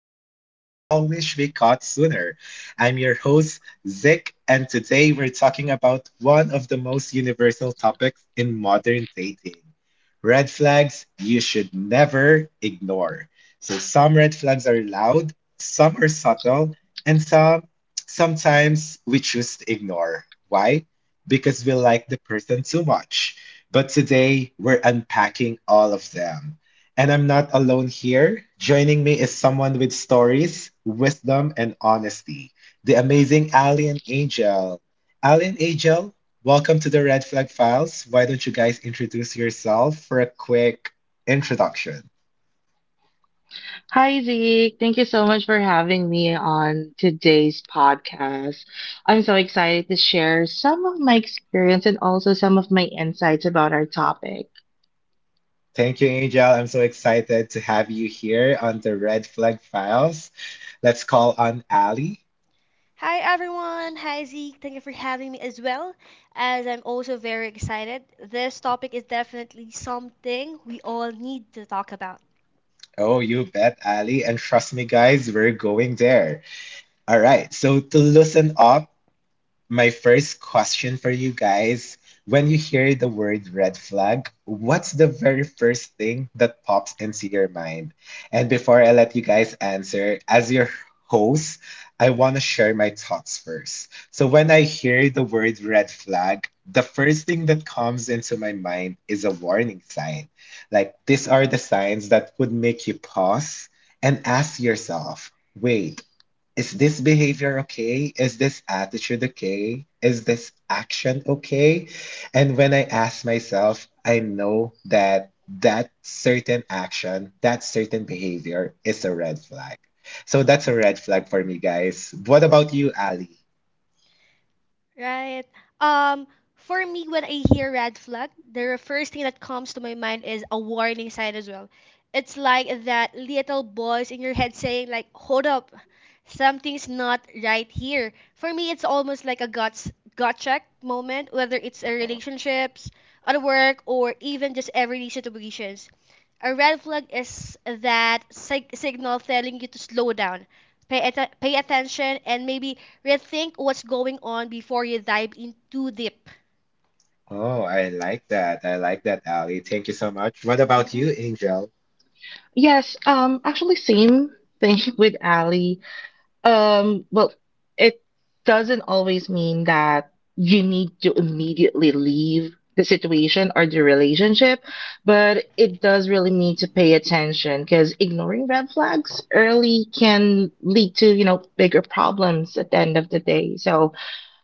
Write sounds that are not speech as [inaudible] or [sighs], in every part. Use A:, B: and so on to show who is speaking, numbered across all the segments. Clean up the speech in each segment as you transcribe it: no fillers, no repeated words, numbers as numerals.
A: truths we all wish we caught sooner. I'm your host, Zick, and today we're talking about one of the most universal topics in modern dating red flags you should never ignore. So, some red flags are loud, some are subtle, and sometimes we choose to ignore. Why? Because we like the person so much. But today we're unpacking all of them. And I'm not alone here. Joining me is someone with stories, wisdom, and honesty — the amazing Ali and Angel. Ali and Angel, welcome to the Red Flag Files. Why don't you guys introduce yourself for a quick introduction?
B: Hi, Zeke. Thank you so much for having me on today's podcast. I'm so excited to share some of my experience and also some of my insights about our topic.
A: Thank you, Angel. I'm so excited to have you here on the Red Flag Files. Let's call on Ali.
C: Hi everyone, hi Zeke. Thank you for having me as well, as I'm also very excited. This topic is definitely something we all need to talk about,
A: Oh, you bet, Ali. And trust me, guys, we're going there. All right. So to loosen up, my first question for you guys, when you hear the word red flag, what's the very first thing that pops into your mind? And before I let you guys answer, as your host, I want to share my thoughts first. So when I hear the word red flag, the first thing that comes into my mind is a warning sign. Like these are the signs that would make you pause and ask yourself, wait, is this behavior okay? Is this attitude okay? Is this action okay? And when I ask myself, I know that that certain action, that certain behavior is a red flag. So that's a red flag for me, guys. What about you, Ali?
C: right? Um, for me, when I hear red flag, the first thing that comes to my mind is a warning sign as well. It's like that little voice in your head saying like, "Hold up, something's not right here." For me, it's almost like a gut check moment, whether it's a
A: Uh-huh.
C: relationships, at work, or even just everyday situations. A red flag is that signal telling you to slow down, pay attention, and maybe rethink what's going on before you dive in too deep.
A: Oh, I like that. I like that, Ali. Thank you so much. What about you,
C: Hmm
A: Angel?
B: Same thing [laughs] with Ali. Um, well, it doesn't always mean that you need to immediately leave the situation or the relationship, but it does really mean to pay attention because ignoring red flags early can lead to, you know, bigger problems at the end of the day. So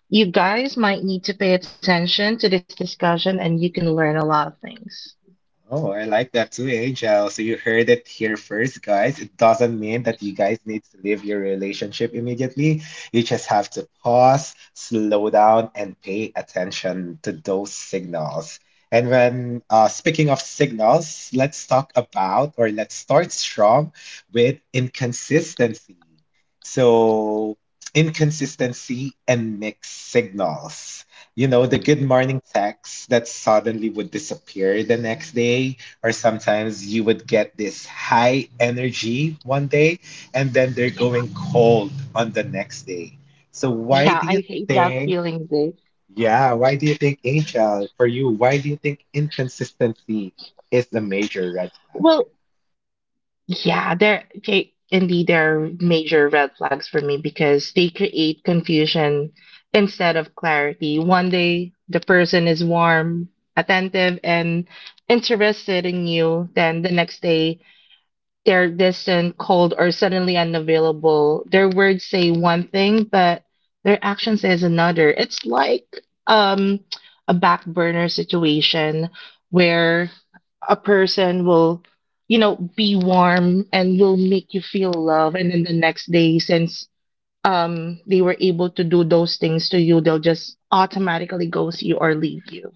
B: you guys might need to pay attention to this discussion and you can learn a lot of things.
A: Oh, I like that too, Angel. So you heard it here first, guys. It doesn't mean that you guys need to leave your relationship immediately. You just have to pause, slow down, and pay attention to those signals. And when speaking of signals, let's talk about or let's start strong with inconsistency. So, inconsistency and mixed signals. The good morning text that suddenly would disappear the next day, or sometimes you would get this high energy one day and then they're going cold on the next day. So, why do you
B: Yeah, I hate
A: think,
B: that feeling, Dave.
A: yeah, why do you think, Angel, for you, why do you think inconsistency is the major red flag?
B: Well, indeed, there are major red flags for me because they create confusion instead of clarity. One day, the person is warm, attentive, and interested in you. Then the next day, they're distant, cold, or suddenly unavailable. Their words say one thing, but their action says another. It's like um, a back burner situation where a person will, you know, be warm and will make you feel love, and then the next day, since they were able to do those things to you, they'll just automatically ghost you or leave you.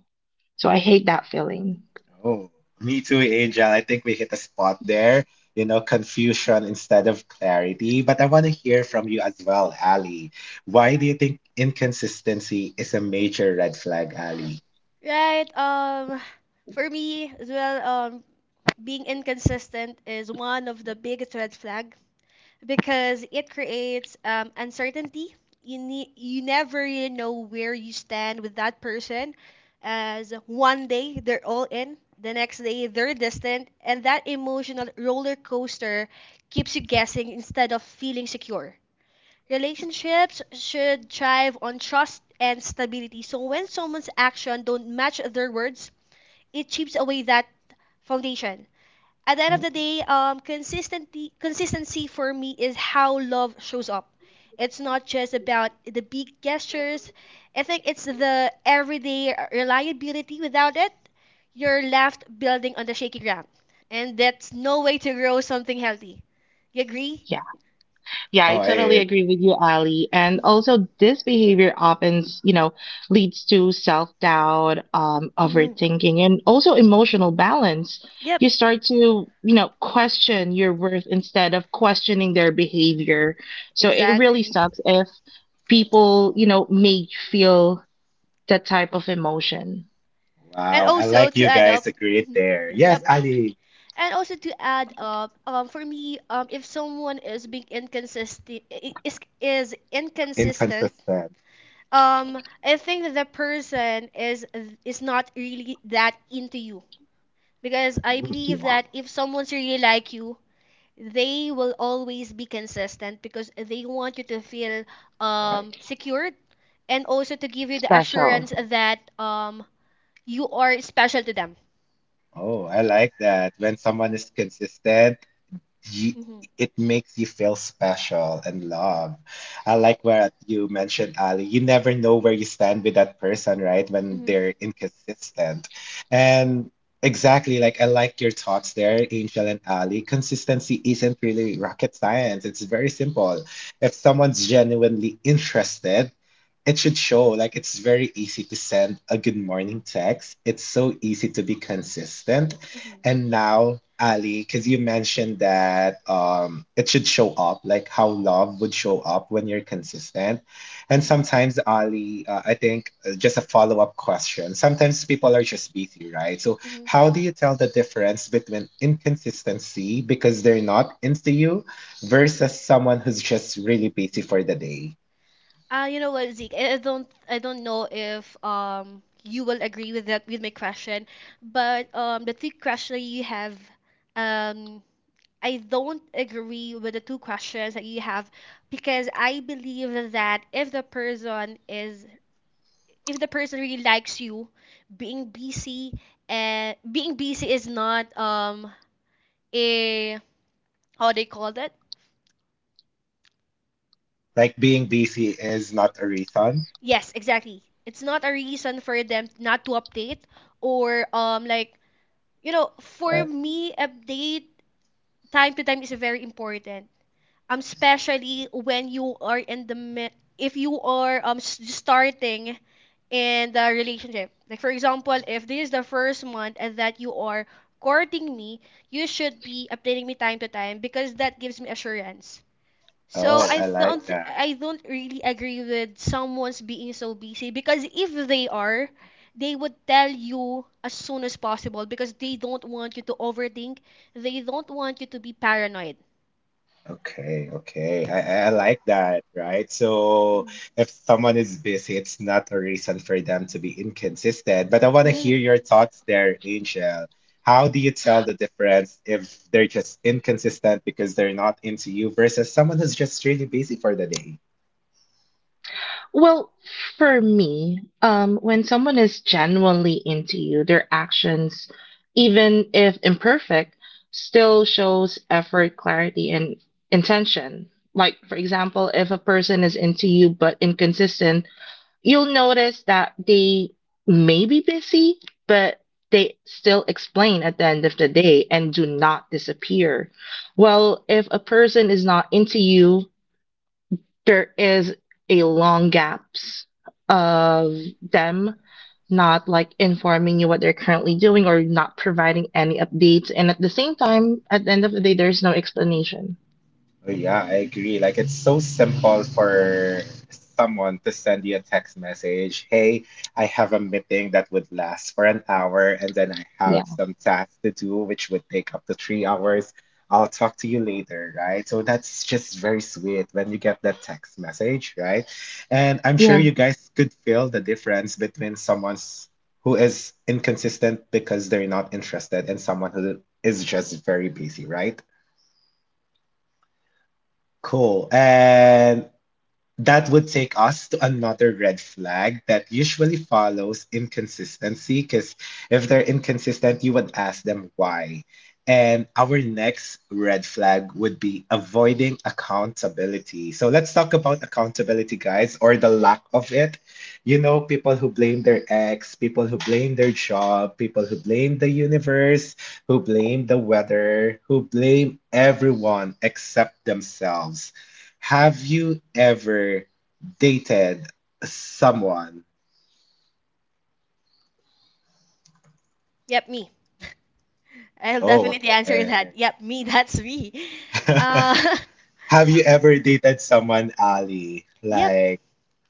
B: So I hate that feeling.
A: Oh, me too, Angel. I think we hit a spot there. You know, confusion instead of clarity. But I want to hear from you as well, Ali. Why do you think inconsistency is a major red flag, Ali?
C: Right. For me as well, being inconsistent is one of the biggest red flag because it creates uncertainty. You never really know where you stand with that person, as one day they're all in, the next day they're distant, and that emotional roller coaster keeps you guessing instead of feeling secure. Relationships should thrive on trust and stability. So when someone's action don't match their words, it chips away that foundation. At the end of the day, consistency for me is how love shows up. It's not just about the big gestures. I think it's the everyday reliability. Without it, you're left building on the shaky ground, and that's no way to grow something healthy. You agree?
B: Yeah. Yeah, I
A: Oh, I
B: totally agree with
A: agree.
B: you, Ali. And
C: Mm-hmm.
B: also, this behavior often, you know, leads to self-doubt,
C: Mm-hmm.
B: overthinking, and also emotional balance.
C: Yep,
B: You start to, you know, question your worth instead of questioning their behavior. So it really
C: exactly.
B: sucks if people, you know, make you feel that type of emotion.
C: And
A: Wow, I
C: also
A: like
C: to
A: you
C: add
A: guys
C: up,
A: agreed
C: mhm,
A: there. Yes,
C: yep,
A: Ali,
C: And also to add up, for me, if someone is is inconsistent,
A: inconsistent.
C: I think that the person is not really that into you because I
A: Hmm,
C: believe
B: Yeah,
C: that if someone's really like you, they will always be consistent because they want you to feel
A: right.
C: secured and also to give you the
B: special.
C: assurance that you are special to them.
A: Oh, I like that. When someone is
C: Mhm.
A: consistent, Ye
C: Mhm.
A: it makes you feel special and loved. I like what you mentioned, Ali. You never know where you stand with that person, right? When
C: Mhm.
A: they're inconsistent. And exactly, like I like your thoughts there, Angel and Ali. Consistency isn't really rocket science. It's very simple. If someone's genuinely interested, it should show. Like it's very easy to send a good morning text. It's so easy to be consistent.
C: Mhm.
A: And now, Ali, because you mentioned that it should show up, like how love would show up when you're consistent. And
C: Mhm.
A: sometimes, Ali, I think just a follow-up question. Sometimes people are just busy, right? So,
C: Mhm.
A: how do you tell the difference between inconsistency because they're not into you versus someone who's just really busy for the day?
C: You know what, Zeke? I don't know if you will agree with that with my question, but the two questions you have, um I don't agree with the two questions that you have because I believe that if the person really likes you, being busy being busy is not a, how they call that?
A: Like being busy is not a reason.
C: Yes, exactly. It's not a reason for them not to update or like, you know, for
A: Okay.
C: me, update time to time is very important. Especially when you are in the if you are starting in the relationship. Like for example, if this is the first month and that you are courting me, you should be updating me time to time because that gives me assurance. So
A: Oh, I like that.
C: I don't really agree with someone's being so busy, because if they are, they would tell you as soon as possible because they don't want you to overthink. They don't want you to be paranoid.
A: Okay, okay. I like that, right? So
C: Mhm.
A: if someone is busy, it's not a reason for them to be inconsistent. But I want to hear your
C: Mhm.
A: thoughts there, Angel. How do you tell the difference if they're just inconsistent because they're not into you versus someone who's just really busy for the day?
B: Well, for me, when someone is genuinely into you, their actions, even if imperfect, still shows effort, clarity, and intention. Like, for example, if a person is into you but inconsistent, you'll notice that they may be busy, but they still explain at the end of the day and do not disappear. Well, if a person is not into you, there is a long gaps of them not like informing you what they're currently doing or not providing any updates, and at the same time at the end of the day there's no explanation.
A: Oh, yeah, I agree. Like it's so simple for someone to send you a text message. Hey, I have a meeting that would last for an hour, and then I have
B: Yeah,
A: some tasks to do, which would take up to 3 hours. I'll talk to you later, right? So that's just very sweet when you get that text message, right? And I'm sure you
B: yeah.
A: guys could feel the difference between someone's who is inconsistent because they're not interested and someone who is just very busy, right? Cool. And that would take us to another red flag that usually follows inconsistency, because if they're inconsistent, you would ask them why. And our next red flag would be avoiding accountability. So let's talk about accountability, guys, or the lack of it. You know, people who blame their ex, people who blame their job, people who blame the universe, who blame the weather, who blame everyone except themselves. Have you ever dated someone?
C: Yep, me. I'll
A: Oh,
C: definitely answer
A: okay.
C: that. Yep, me. [laughs] That's me. Uh, [laughs]
A: [laughs] Have you ever dated someone, Ali?
C: yep.
A: Like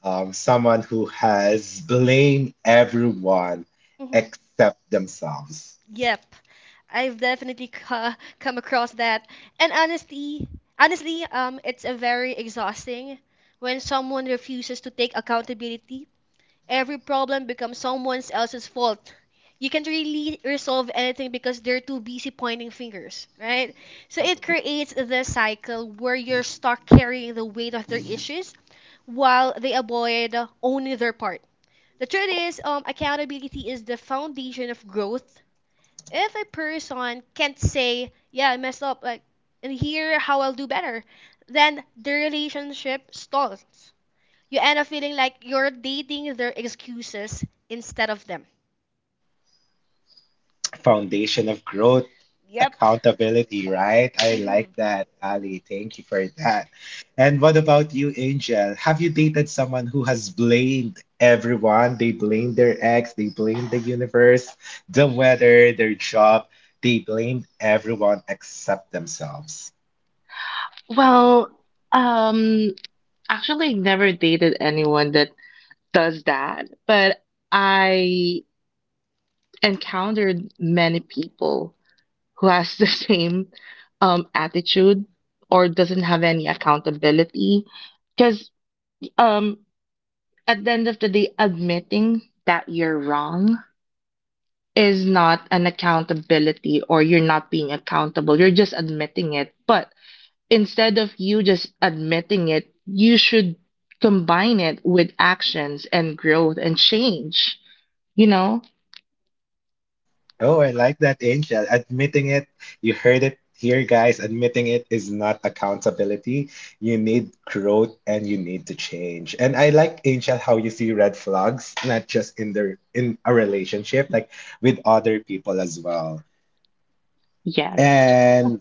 A: someone who has blamed everyone except themselves.
C: Yep, I've definitely [laughs] come across that. And honestly, honestly, it's a very exhausting when someone refuses to take accountability. Every problem becomes someone else's fault. You can't really resolve anything because they're too busy pointing fingers, right? So it
A: Mhm.
C: creates this cycle where you're stuck carrying the weight of their issues while they avoid owning their part. The truth is, accountability is the foundation of growth. If a person can't say, yeah, I messed up, like, and here how I'll do better, then the relationship stalls. You end up feeling like you're dating their excuses instead of them.
A: Foundation of growth,
C: Yep.
A: accountability, right? I like
C: Mm-hmm.
A: that, Ali. Thank you for that. And what about you, Angel? Have you dated someone who has blamed everyone? They blame their ex, they blame the universe, the weather, their job. They blame everyone except themselves.
D: Well, um, actually, never dated anyone that does that, but I encountered many people who has the [laughs] same attitude or doesn't have any accountability. Because um, at the end of the day, admitting that you're wrong is not an accountability or you're not being accountable. You're just admitting it. But instead of you just admitting it, you should combine it with actions and growth and change, you know?
A: Oh, I like that, Angel. Admitting it, you heard it here, guys. Admitting it is not accountability. You need growth and you need to change. And I like, Angel, how you see red flags, not just in a relationship, like with other people as well.
D: Yes.
A: And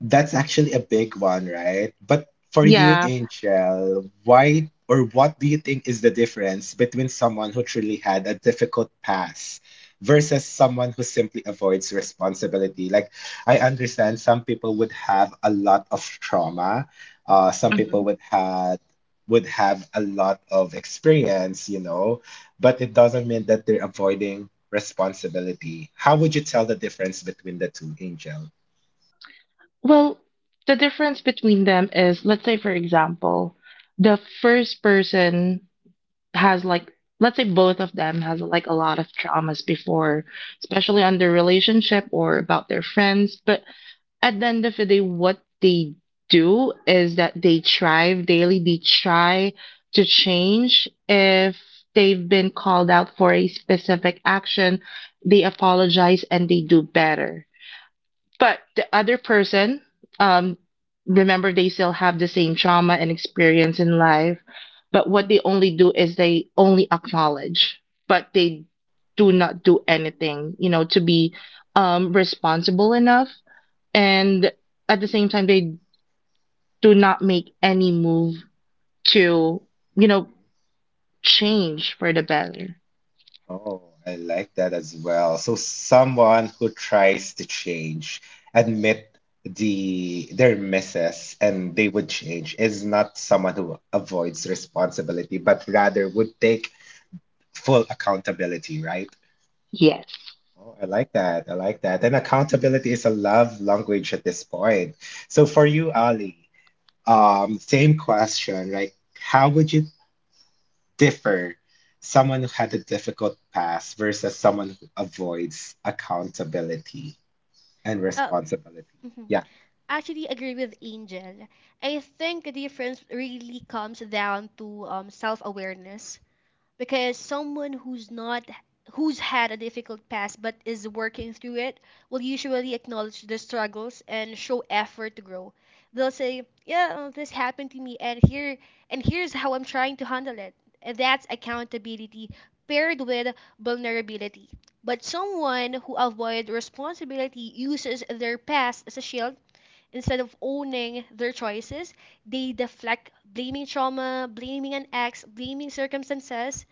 A: that's actually a big one, right? But for you,
D: Yeah.
A: Angel, why or what do you think is the difference between someone who truly had a difficult past versus someone who simply avoids responsibility? Like, I understand some people would have a lot of trauma, some people
D: Mhm.
A: would have a lot of experience, but it doesn't mean that they're avoiding responsibility. How would you tell the difference between the two, Angel?
D: Well, the difference between them is, let's say, for example, the first person has like, let's say both of them has like a lot of traumas before, especially on their relationship or about their friends, but at the end of the day, what they do is that they thrive daily. They try to change. If they've been called out for a specific action, they apologize and they do better. But the other person, um, remember, they still have the same trauma and experience in life. But what they only do is they only acknowledge, but they do not do anything to be responsible enough, and at the same time they do not make any move to you know
A: Mhm.
D: change for the better.
A: Oh, I like that as well. So someone who tries to change, admit their misses and they would change is not someone who avoids responsibility, but rather would take full accountability, right?
D: Yes.
A: Oh, I like that. I like that. And accountability is a love language at this point. So for you, Ali, same question, like how would you differ someone who had a difficult past versus someone who avoids accountability and
C: Uh,
A: responsibility.
C: mm-hmm.
A: Yeah.
C: Actually, agree with Angel. I think the difference really comes down to self awareness, because someone who's not who's had a difficult past but is working through it will usually acknowledge the struggles and show effort to grow. They'll say, yeah, this happened to me, and here's how I'm trying to handle it, and that's accountability paired with vulnerability. But someone who avoids responsibility uses their past as a shield instead of owning their choices. They deflect, blaming trauma, blaming an ex, blaming circumstances,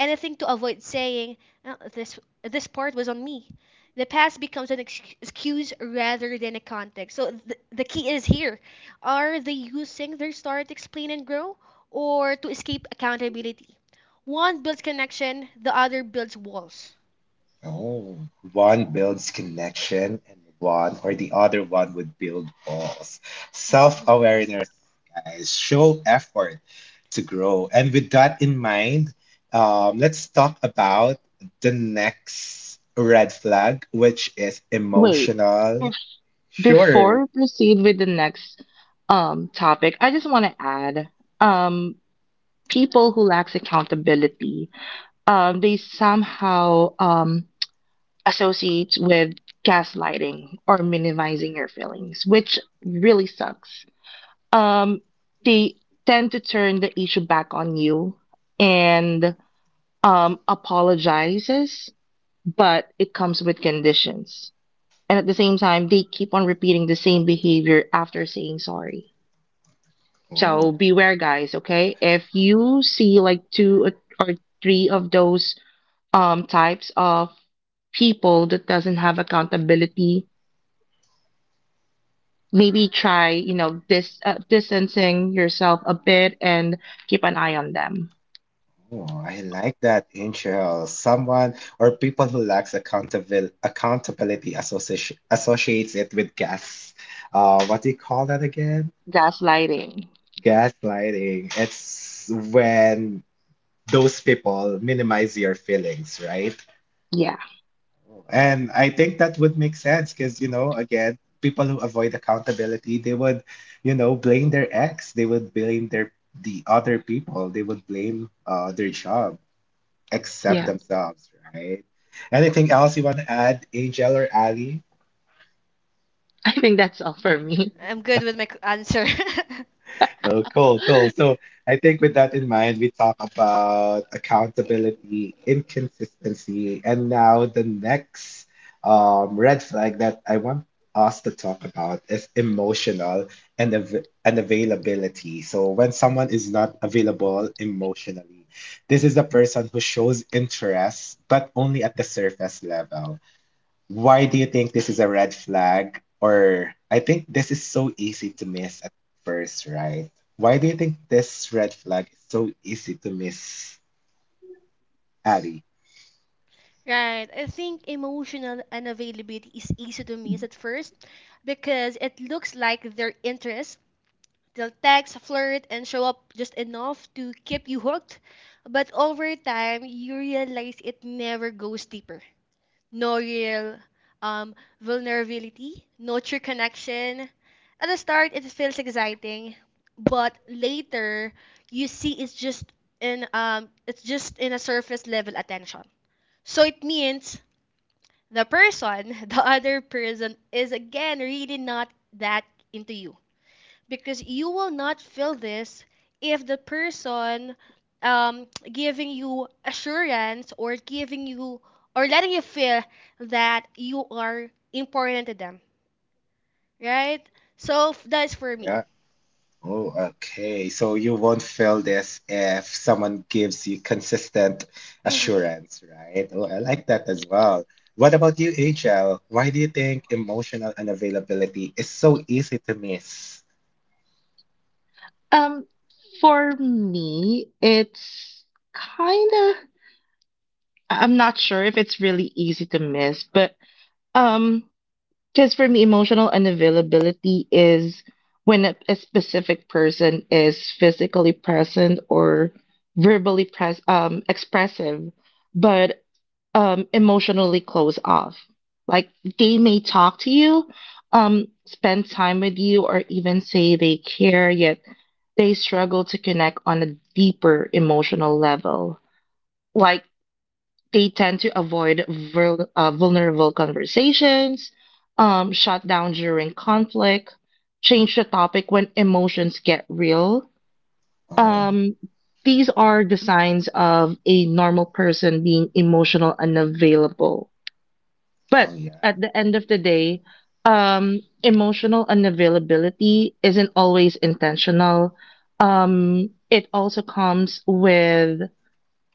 C: anything to avoid saying, This part was on me." The past becomes an excuse rather than a context. So the key is here: are they using their story to explain and grow, or to escape accountability? One builds connection, the other builds walls.
A: Oh, one builds connection and one or the other one would build walls. Self-awareness, guys, show effort to grow. And with that in mind, let's talk about the next red flag, which is
D: wait
A: emotional.
D: bef- Before
A: Sure.
D: we proceed with the next topic, I just want to add, um people who lacks accountability they somehow associate with gaslighting or minimizing your feelings, which really sucks. um, they tend to turn the issue back on you and, apologizes, but it comes with conditions. And at the same time, they keep on repeating the same behavior after saying sorry. So
A: Oh.
D: beware, guys, okay? If you see like two or three of those types of people that doesn't have accountability, maybe try, you know, distancing yourself a bit and keep an eye on them.
A: Oh, I like that intro. Someone or People who lacks accountability association associates it with gas. What do you call that again?
D: Gaslighting.
A: Gaslighting. It's when those people minimize your feelings, right?
D: Yeah,
A: And I think that would make sense because, you know, again, people who avoid accountability, they would blame their ex, they would blame the other people, they would blame their job. Accept
D: yeah.
A: themselves, right? Anything else you want to add, Angel or Ali?
D: [laughs] I think that's all for me.
C: I'm good with my answer.
A: Oh, cool, cool.
D: [laughs]
A: So I think with that in mind, we talk about accountability, inconsistency, and now the next red flag that I want us to talk about is emotional and av and availability. So when someone is not available emotionally, this is a person who shows interest, but only at the surface level. Why do you think this is a red flag? Or I think this is so easy to miss at first, right? Why do you think this red flag is so easy to miss, Abby?
C: [laughs] Right. I think emotional unavailability is easy to miss at first because it looks like their interests. They'll text, flirt, and show up just enough to keep you hooked. But over time, you realize it never goes deeper. No real um, vulnerability, no true connection. At the start, it feels exciting, but later, you see it's just in a surface level attention. So it means the person, [laughs] the other person, is again really not that into you, because you will not feel this if the person giving you assurance or giving you or letting you feel that you are important to them, right? So that is for me.
A: Yeah. Oh, okay. So you won't feel this if someone gives you consistent
C: Mm-hmm.
A: assurance, right? Oh, I like that as well. What about you, HL? Why do you think emotional unavailability is so easy to miss?
D: Um, for me, it's kind of, I'm not sure if it's really easy to miss, but um, because for me, emotional unavailability is when a specific person is physically present or expressive, but emotionally closed off. Like, they may talk to you, spend time with you, or even say they care, yet they struggle to connect on a deeper emotional level. Like, they tend to avoid vulnerable conversations, shut down during conflict, change the topic when emotions get real.
A: Oh,
D: Um, these are the signs of a normal person being emotional and available. But
A: oh yeah.
D: at the end of the day, emotional unavailability isn't always intentional. It also comes with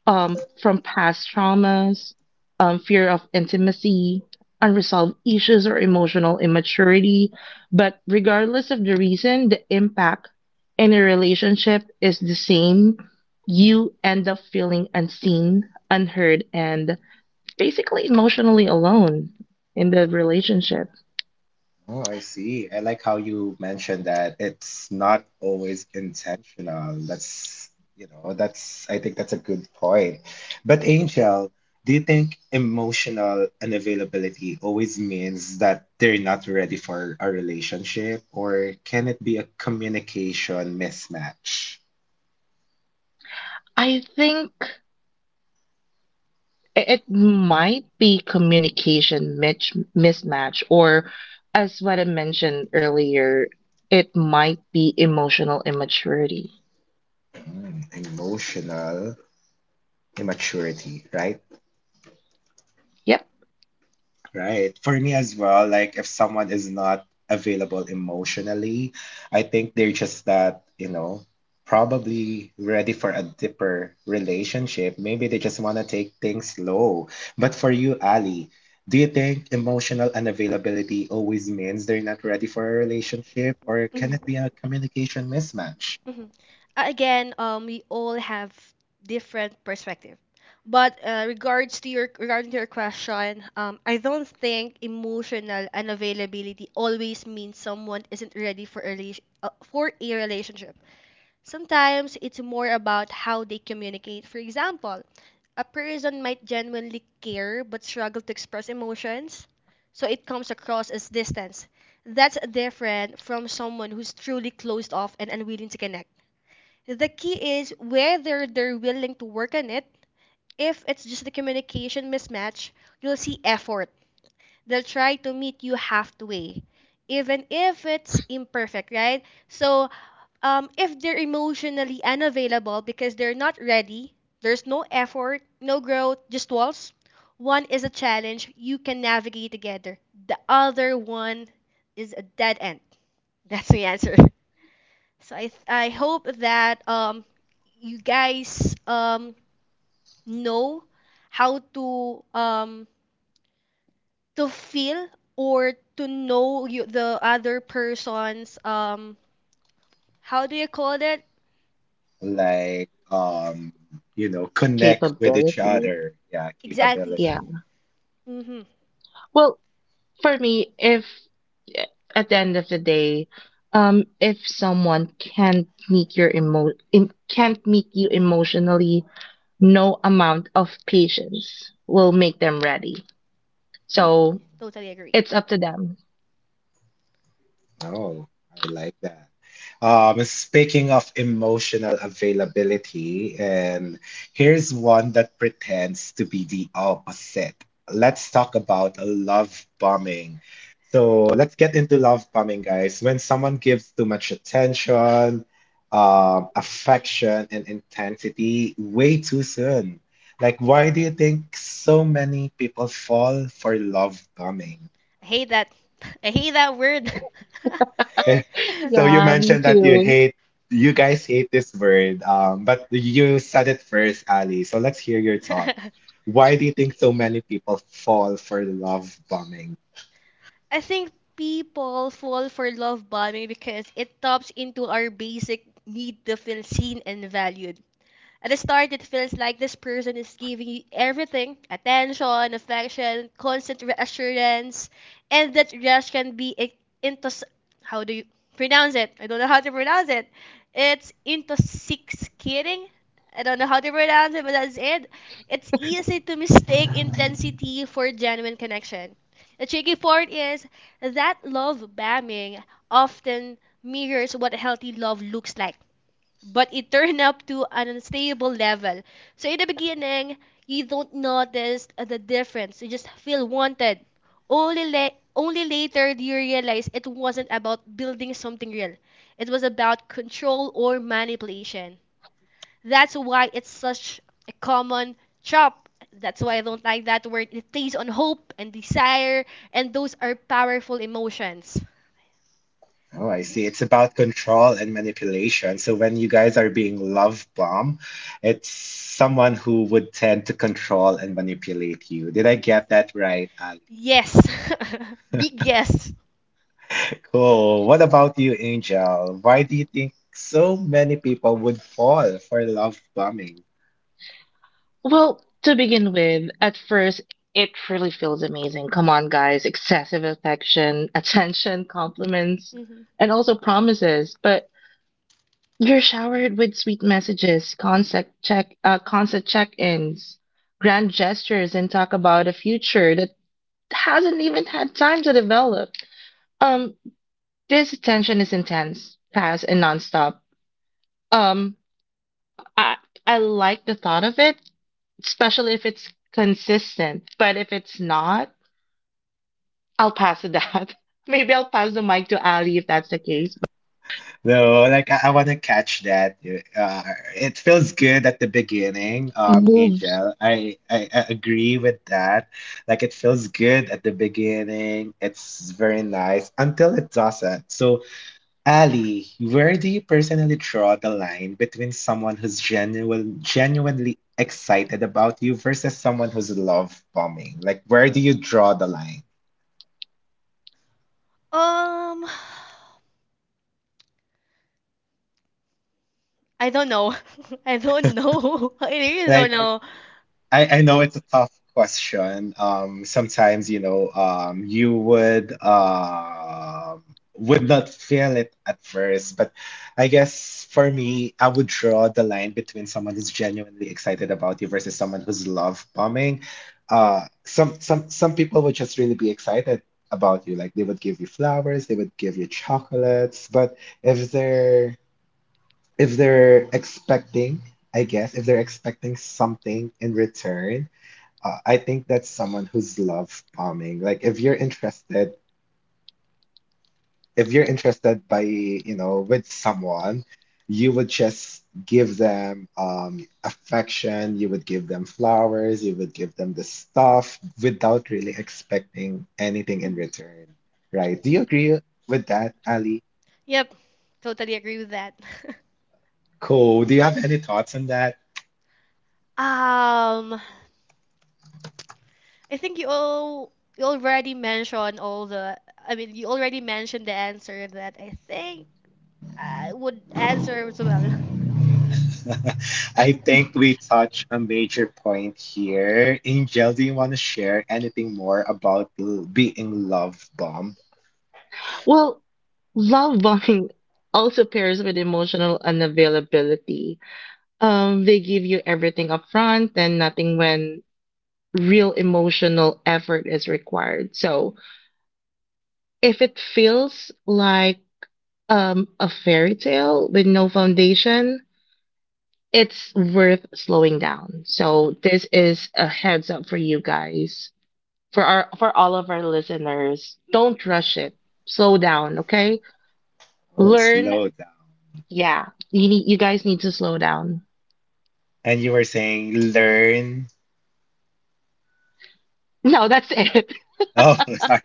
D: from past traumas, fear of intimacy, unresolved issues, or emotional immaturity. But regardless of the reason, the impact in a relationship is the same. You end up feeling unseen, unheard, and basically emotionally alone in the relationship.
A: Oh, I see. I like how you mentioned that it's not always intentional. That's, I think that's a good point. But Angel, do you think emotional unavailability always means that they're not ready for a relationship, or can it be a communication mismatch?
D: I think it might be communication mismatch, or as what I mentioned earlier, it might be emotional immaturity.
A: Mm, emotional immaturity, right?
D: Yep.
A: Right. For me as well, like if someone is not available emotionally, I think they're just that, probably ready for a deeper relationship. Maybe they just want to take things slow. But for you, Ali, do you think emotional unavailability always means they're not ready for a relationship, or
C: Mm-hmm.
A: can it be a communication mismatch?
C: Mhm. Again, we all have different perspective. But regards to your regarding to your question, I don't think emotional unavailability always means someone isn't ready for a for a relationship. Sometimes it's more about how they communicate. For example, a person might genuinely care but struggle to express emotions, so it comes across as distance. That's different from someone who's truly closed off and unwilling to connect. The key is whether they're willing to work on it. If it's just a communication mismatch, you'll see effort. They'll try to meet you halfway, even if it's imperfect, right? So, if they're emotionally unavailable because they're not ready, there's no effort, no growth, just walls. One is a challenge you can navigate together. The other one is a dead end. That's the answer. [laughs] So I hope that you guys know how to feel or to know you, the other person's how do you call that
A: Like, connect with each
D: Capability.
A: other, yeah,
C: exactly?
D: Yeah.
A: capability.
C: Mhm.
D: Well, for me, if at the end of the day, if someone can't meet your can't meet you emotionally, no amount of patience will make them ready, so
A: Mm.
C: Totally agree.
D: it's up to them.
A: Oh, I like that. Speaking of emotional availability, and here's one that pretends to be the opposite. Let's talk about love bombing. So let's get into love bombing, guys. When someone gives too much attention, affection, and intensity way too soon. Like, why do you think so many people fall for love bombing?
C: I hate that. [laughs] I hate that word.
A: [laughs] Eh,
D: [laughs]
C: [laughs]
A: so you
D: Yeah, me
A: mentioned that you
D: too.
A: hate, you guys hate this word, but you said it first, Ali. So let's hear your thoughts. Why do you think so many people fall for love bombing?
C: I think people fall for love bombing because it taps into our basic need to feel seen and valued. At the start, it feels like this person is giving you everything, attention, affection, constant reassurance, and that rush can be intos. How do you pronounce it? I don't know how to pronounce it. It's intoxicating. I don't know how to pronounce it, but that's it. It's easy to mistake intensity for genuine connection. The tricky part is that love bombing often mirrors what healthy love looks like, but it turned up to an unstable level. So in the beginning, you don't notice the difference. You just feel wanted. Only only later do you realize it wasn't about building something real. It was about control or manipulation. That's why it's such a common trap. That's why I don't like that word. It plays on hope and desire, and those are powerful emotions.
A: Oh, I see. It's about control and manipulation. So when you guys are being love bombed, it's someone who would tend to control and manipulate you. Did I get that right, Ali?
C: Yes, [laughs] big yes.
A: Cool. What about you, Angel? Why do you think so many people would fall for love bombing?
D: Well, to begin with, at first, it really feels amazing. Come on, guys. Excessive affection, [laughs] attention, compliments,
C: Mhm.
D: and also promises. But you're showered with sweet messages, constant check-ins, grand gestures, and talk about a future that hasn't even had time to develop. Um, this attention is intense, fast, and nonstop. Um, I I like the thought of it, especially if it's consistent. But if it's not, I'll pass to that. [laughs] Maybe I'll pass the mic to Ali if that's the case.
A: So like I want to catch that. Uh, it feels good at the beginning,
E: Move.
A: Angel. I agree with that. Like it feels good at the beginning. It's very nice until it doesn't. So, Ali, where do you personally draw the line between someone who's genuinely excited about you versus someone who's love bombing? Like, where do you draw the line?
C: Um, [sighs] I don't know. [laughs] I don't know. [laughs] I really don't, right,
A: Like.
C: know.
A: I know it's a tough question. Sometimes, you know, you would not feel it at first, but I guess for me, I would draw the line between someone who's genuinely excited about you versus someone who's love bombing. Some people would just really be excited about you, like they would give you flowers, they would give you chocolates, but if they're if they're expecting, I guess, if they're expecting something in return, I think that's someone who's love bombing. Like if you're interested by, you know, with someone, you would just give them affection, you would give them flowers, you would give them the stuff without really expecting anything in
C: Mhm.
A: return, right? Do you agree with that, Ali?
C: Yep, totally agree with that. [laughs]
A: Cool. Do you have any thoughts on that?
C: Um, I think you already mentioned all the. You already mentioned the answer that I think I would answer as well.
A: I think we touched a major point here. Angel, do you want to share anything more about being love bomb?
E: Well, love bombing also pairs with emotional unavailability. They give you everything up front and nothing when real emotional effort is required. So if it feels like a fairy tale with no foundation, it's worth slowing down. So this is a heads up for you guys. For all of our listeners, don't rush it. Slow down, okay?
A: Oh,
E: Learn.
A: slow down.
E: Yeah, you need, you guys need to slow down.
A: And you were saying learn.
E: No, that's it. [laughs]
A: Oh, [laughs] sorry.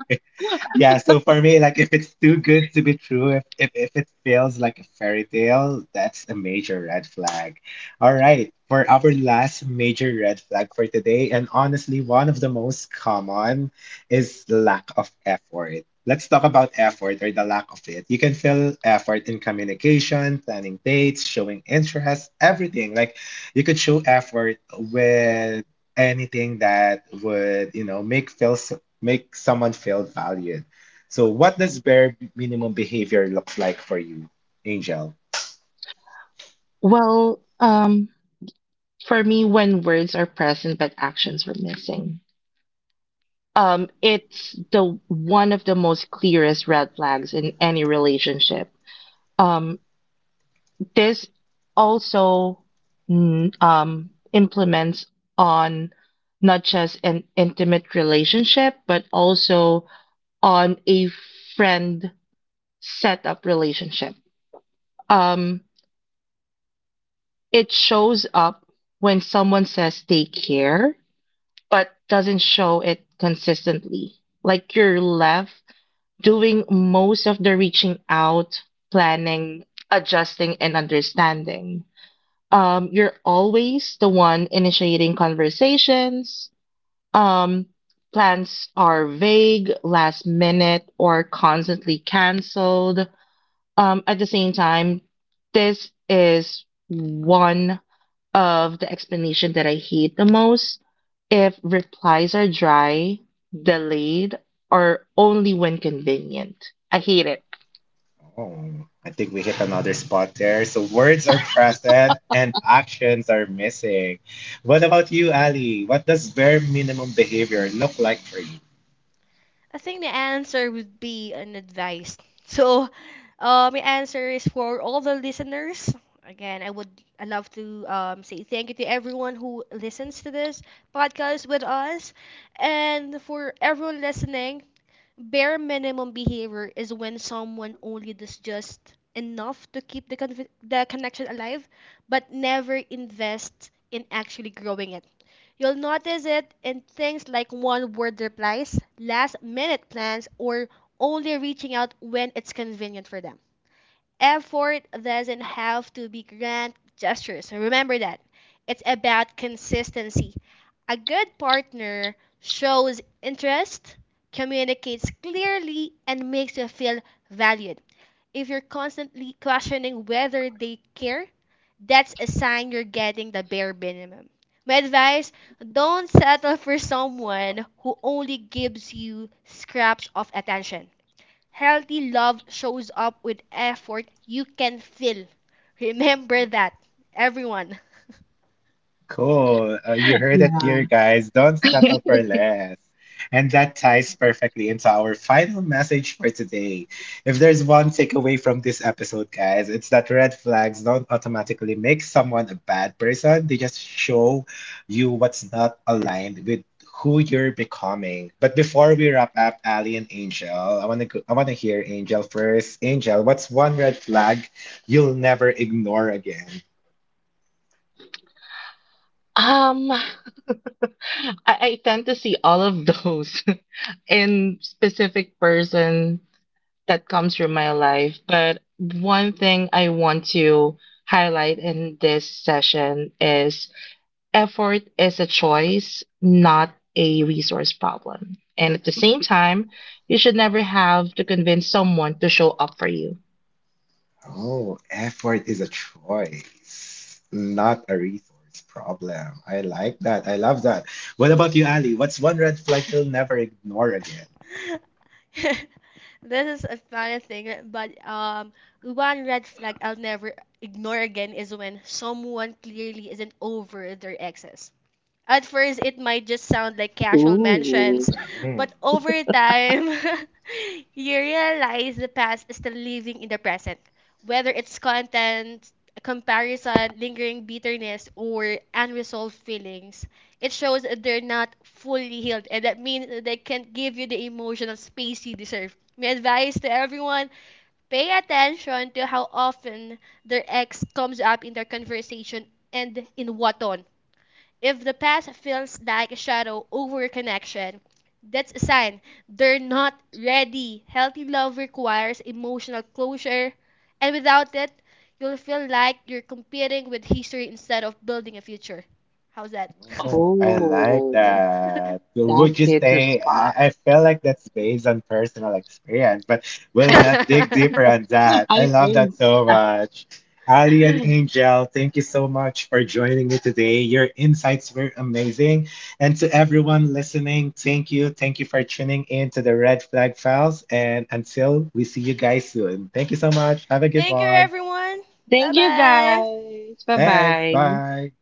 A: Yeah, so for me, like if it's too good to be true, if it feels like a fairy tale, that's a major red flag. All right, for our last major red flag for today, and honestly, one of the most common is the lack of effort. Let's talk about effort or the lack of it. You can feel effort in communication, planning dates, showing interest, everything. Like you could show effort with anything that would, you know, make someone feel valued. So what does bare minimum behavior look like for you, Angel?
E: Well, for me, when words are present but actions were missing, it's the one of the most clearest red flags in any relationship. Um, this also implements on not just an intimate relationship but also on a friend setup relationship. Um, It shows up when someone says take care, but doesn't show it consistently. Like you're left doing most of the reaching out, planning, adjusting, and understanding. You're always the one initiating conversations. Um, Plans are vague, last minute, or constantly canceled. At the same time, this is one of the explanation that I hate the most. If replies are dry, delayed, or only when convenient, I hate it.
A: Oh, I think we hit another spot there. So words are present and actions are missing. What about you, Ali? What does bare minimum behavior look like for you?
C: I think the answer would be an advice. [laughs] So, my answer is for all the listeners. Again, I would, I love to say thank you to everyone who listens to this podcast with us. And for everyone listening, bare minimum behavior is when someone only does just enough to keep the the connection alive, but never invests in actually growing it. You'll notice it in things like one word replies, last minute plans, or only reaching out when it's convenient for them. Effort doesn't have to be grand gestures. Remember that. It's about consistency. A good partner shows interest, communicates clearly, and makes you feel valued. If you're constantly questioning whether they care, that's a sign you're getting the bare minimum. My advice, don't settle for someone who only gives you scraps of attention. Healthy love shows up with effort you can feel. Remember that, everyone.
A: Cool. You heard it here, guys. Don't settle for less. And that ties perfectly into our final message for today. If there's one takeaway from this episode, guys, it's that red flags don't automatically make someone a bad person. They just show you what's not aligned with who you're becoming. But before we wrap up, Ali and Angel, I want to hear Angel first. Angel, what's one red flag you'll never ignore again?
E: Um, I tend to see all of those [laughs] in specific person that comes through my life. But one thing I want to highlight in this session is effort is a choice, not a resource problem. And at the same time, you should never have to convince someone to show up for you.
A: Oh, effort is a choice, not a resource problem. I like that. I love that. What about you, Ali? What's one red flag you'll never ignore
C: [laughs] This is a funny thing, but one red flag I'll never ignore again is when someone clearly isn't over their exes. At first, it might just sound like casual mentions,
A: again?
C: but over time, [laughs] you realize the past is still living in the present. Whether it's content, comparison, lingering bitterness, or unresolved feelings, it shows that they're not fully healed, and that means they can't give you the emotional space you deserve. My advice to everyone, pay attention to how often their ex comes up in their conversation and in what tone. If the past feels like a shadow over a connection, that's a sign they're not ready. Healthy love requires emotional closure, and without it, you'll feel like you're competing with history instead of building a future. How's that? [laughs]
A: Oh, I like
E: Oh,
A: that. So
E: that
A: would you
E: hits a
A: say
E: spot.
A: I feel like that's based on personal experience, but we'll not dig deeper
C: [laughs]
A: on that.
E: [laughs]
A: I
E: I
A: love that
E: think.
A: so much. Ali and
E: [laughs]
A: Angel, thank you so much for joining me today. Your insights were amazing. And to everyone listening, thank you. Thank you for tuning in to the Red Flag Files. And until we see you guys soon, thank you so much. Have a good
C: Thank you,
A: one.
C: everyone. Bye
E: Thank you
C: bye.
E: guys. Bye
A: Thanks.
E: bye.
A: Bye.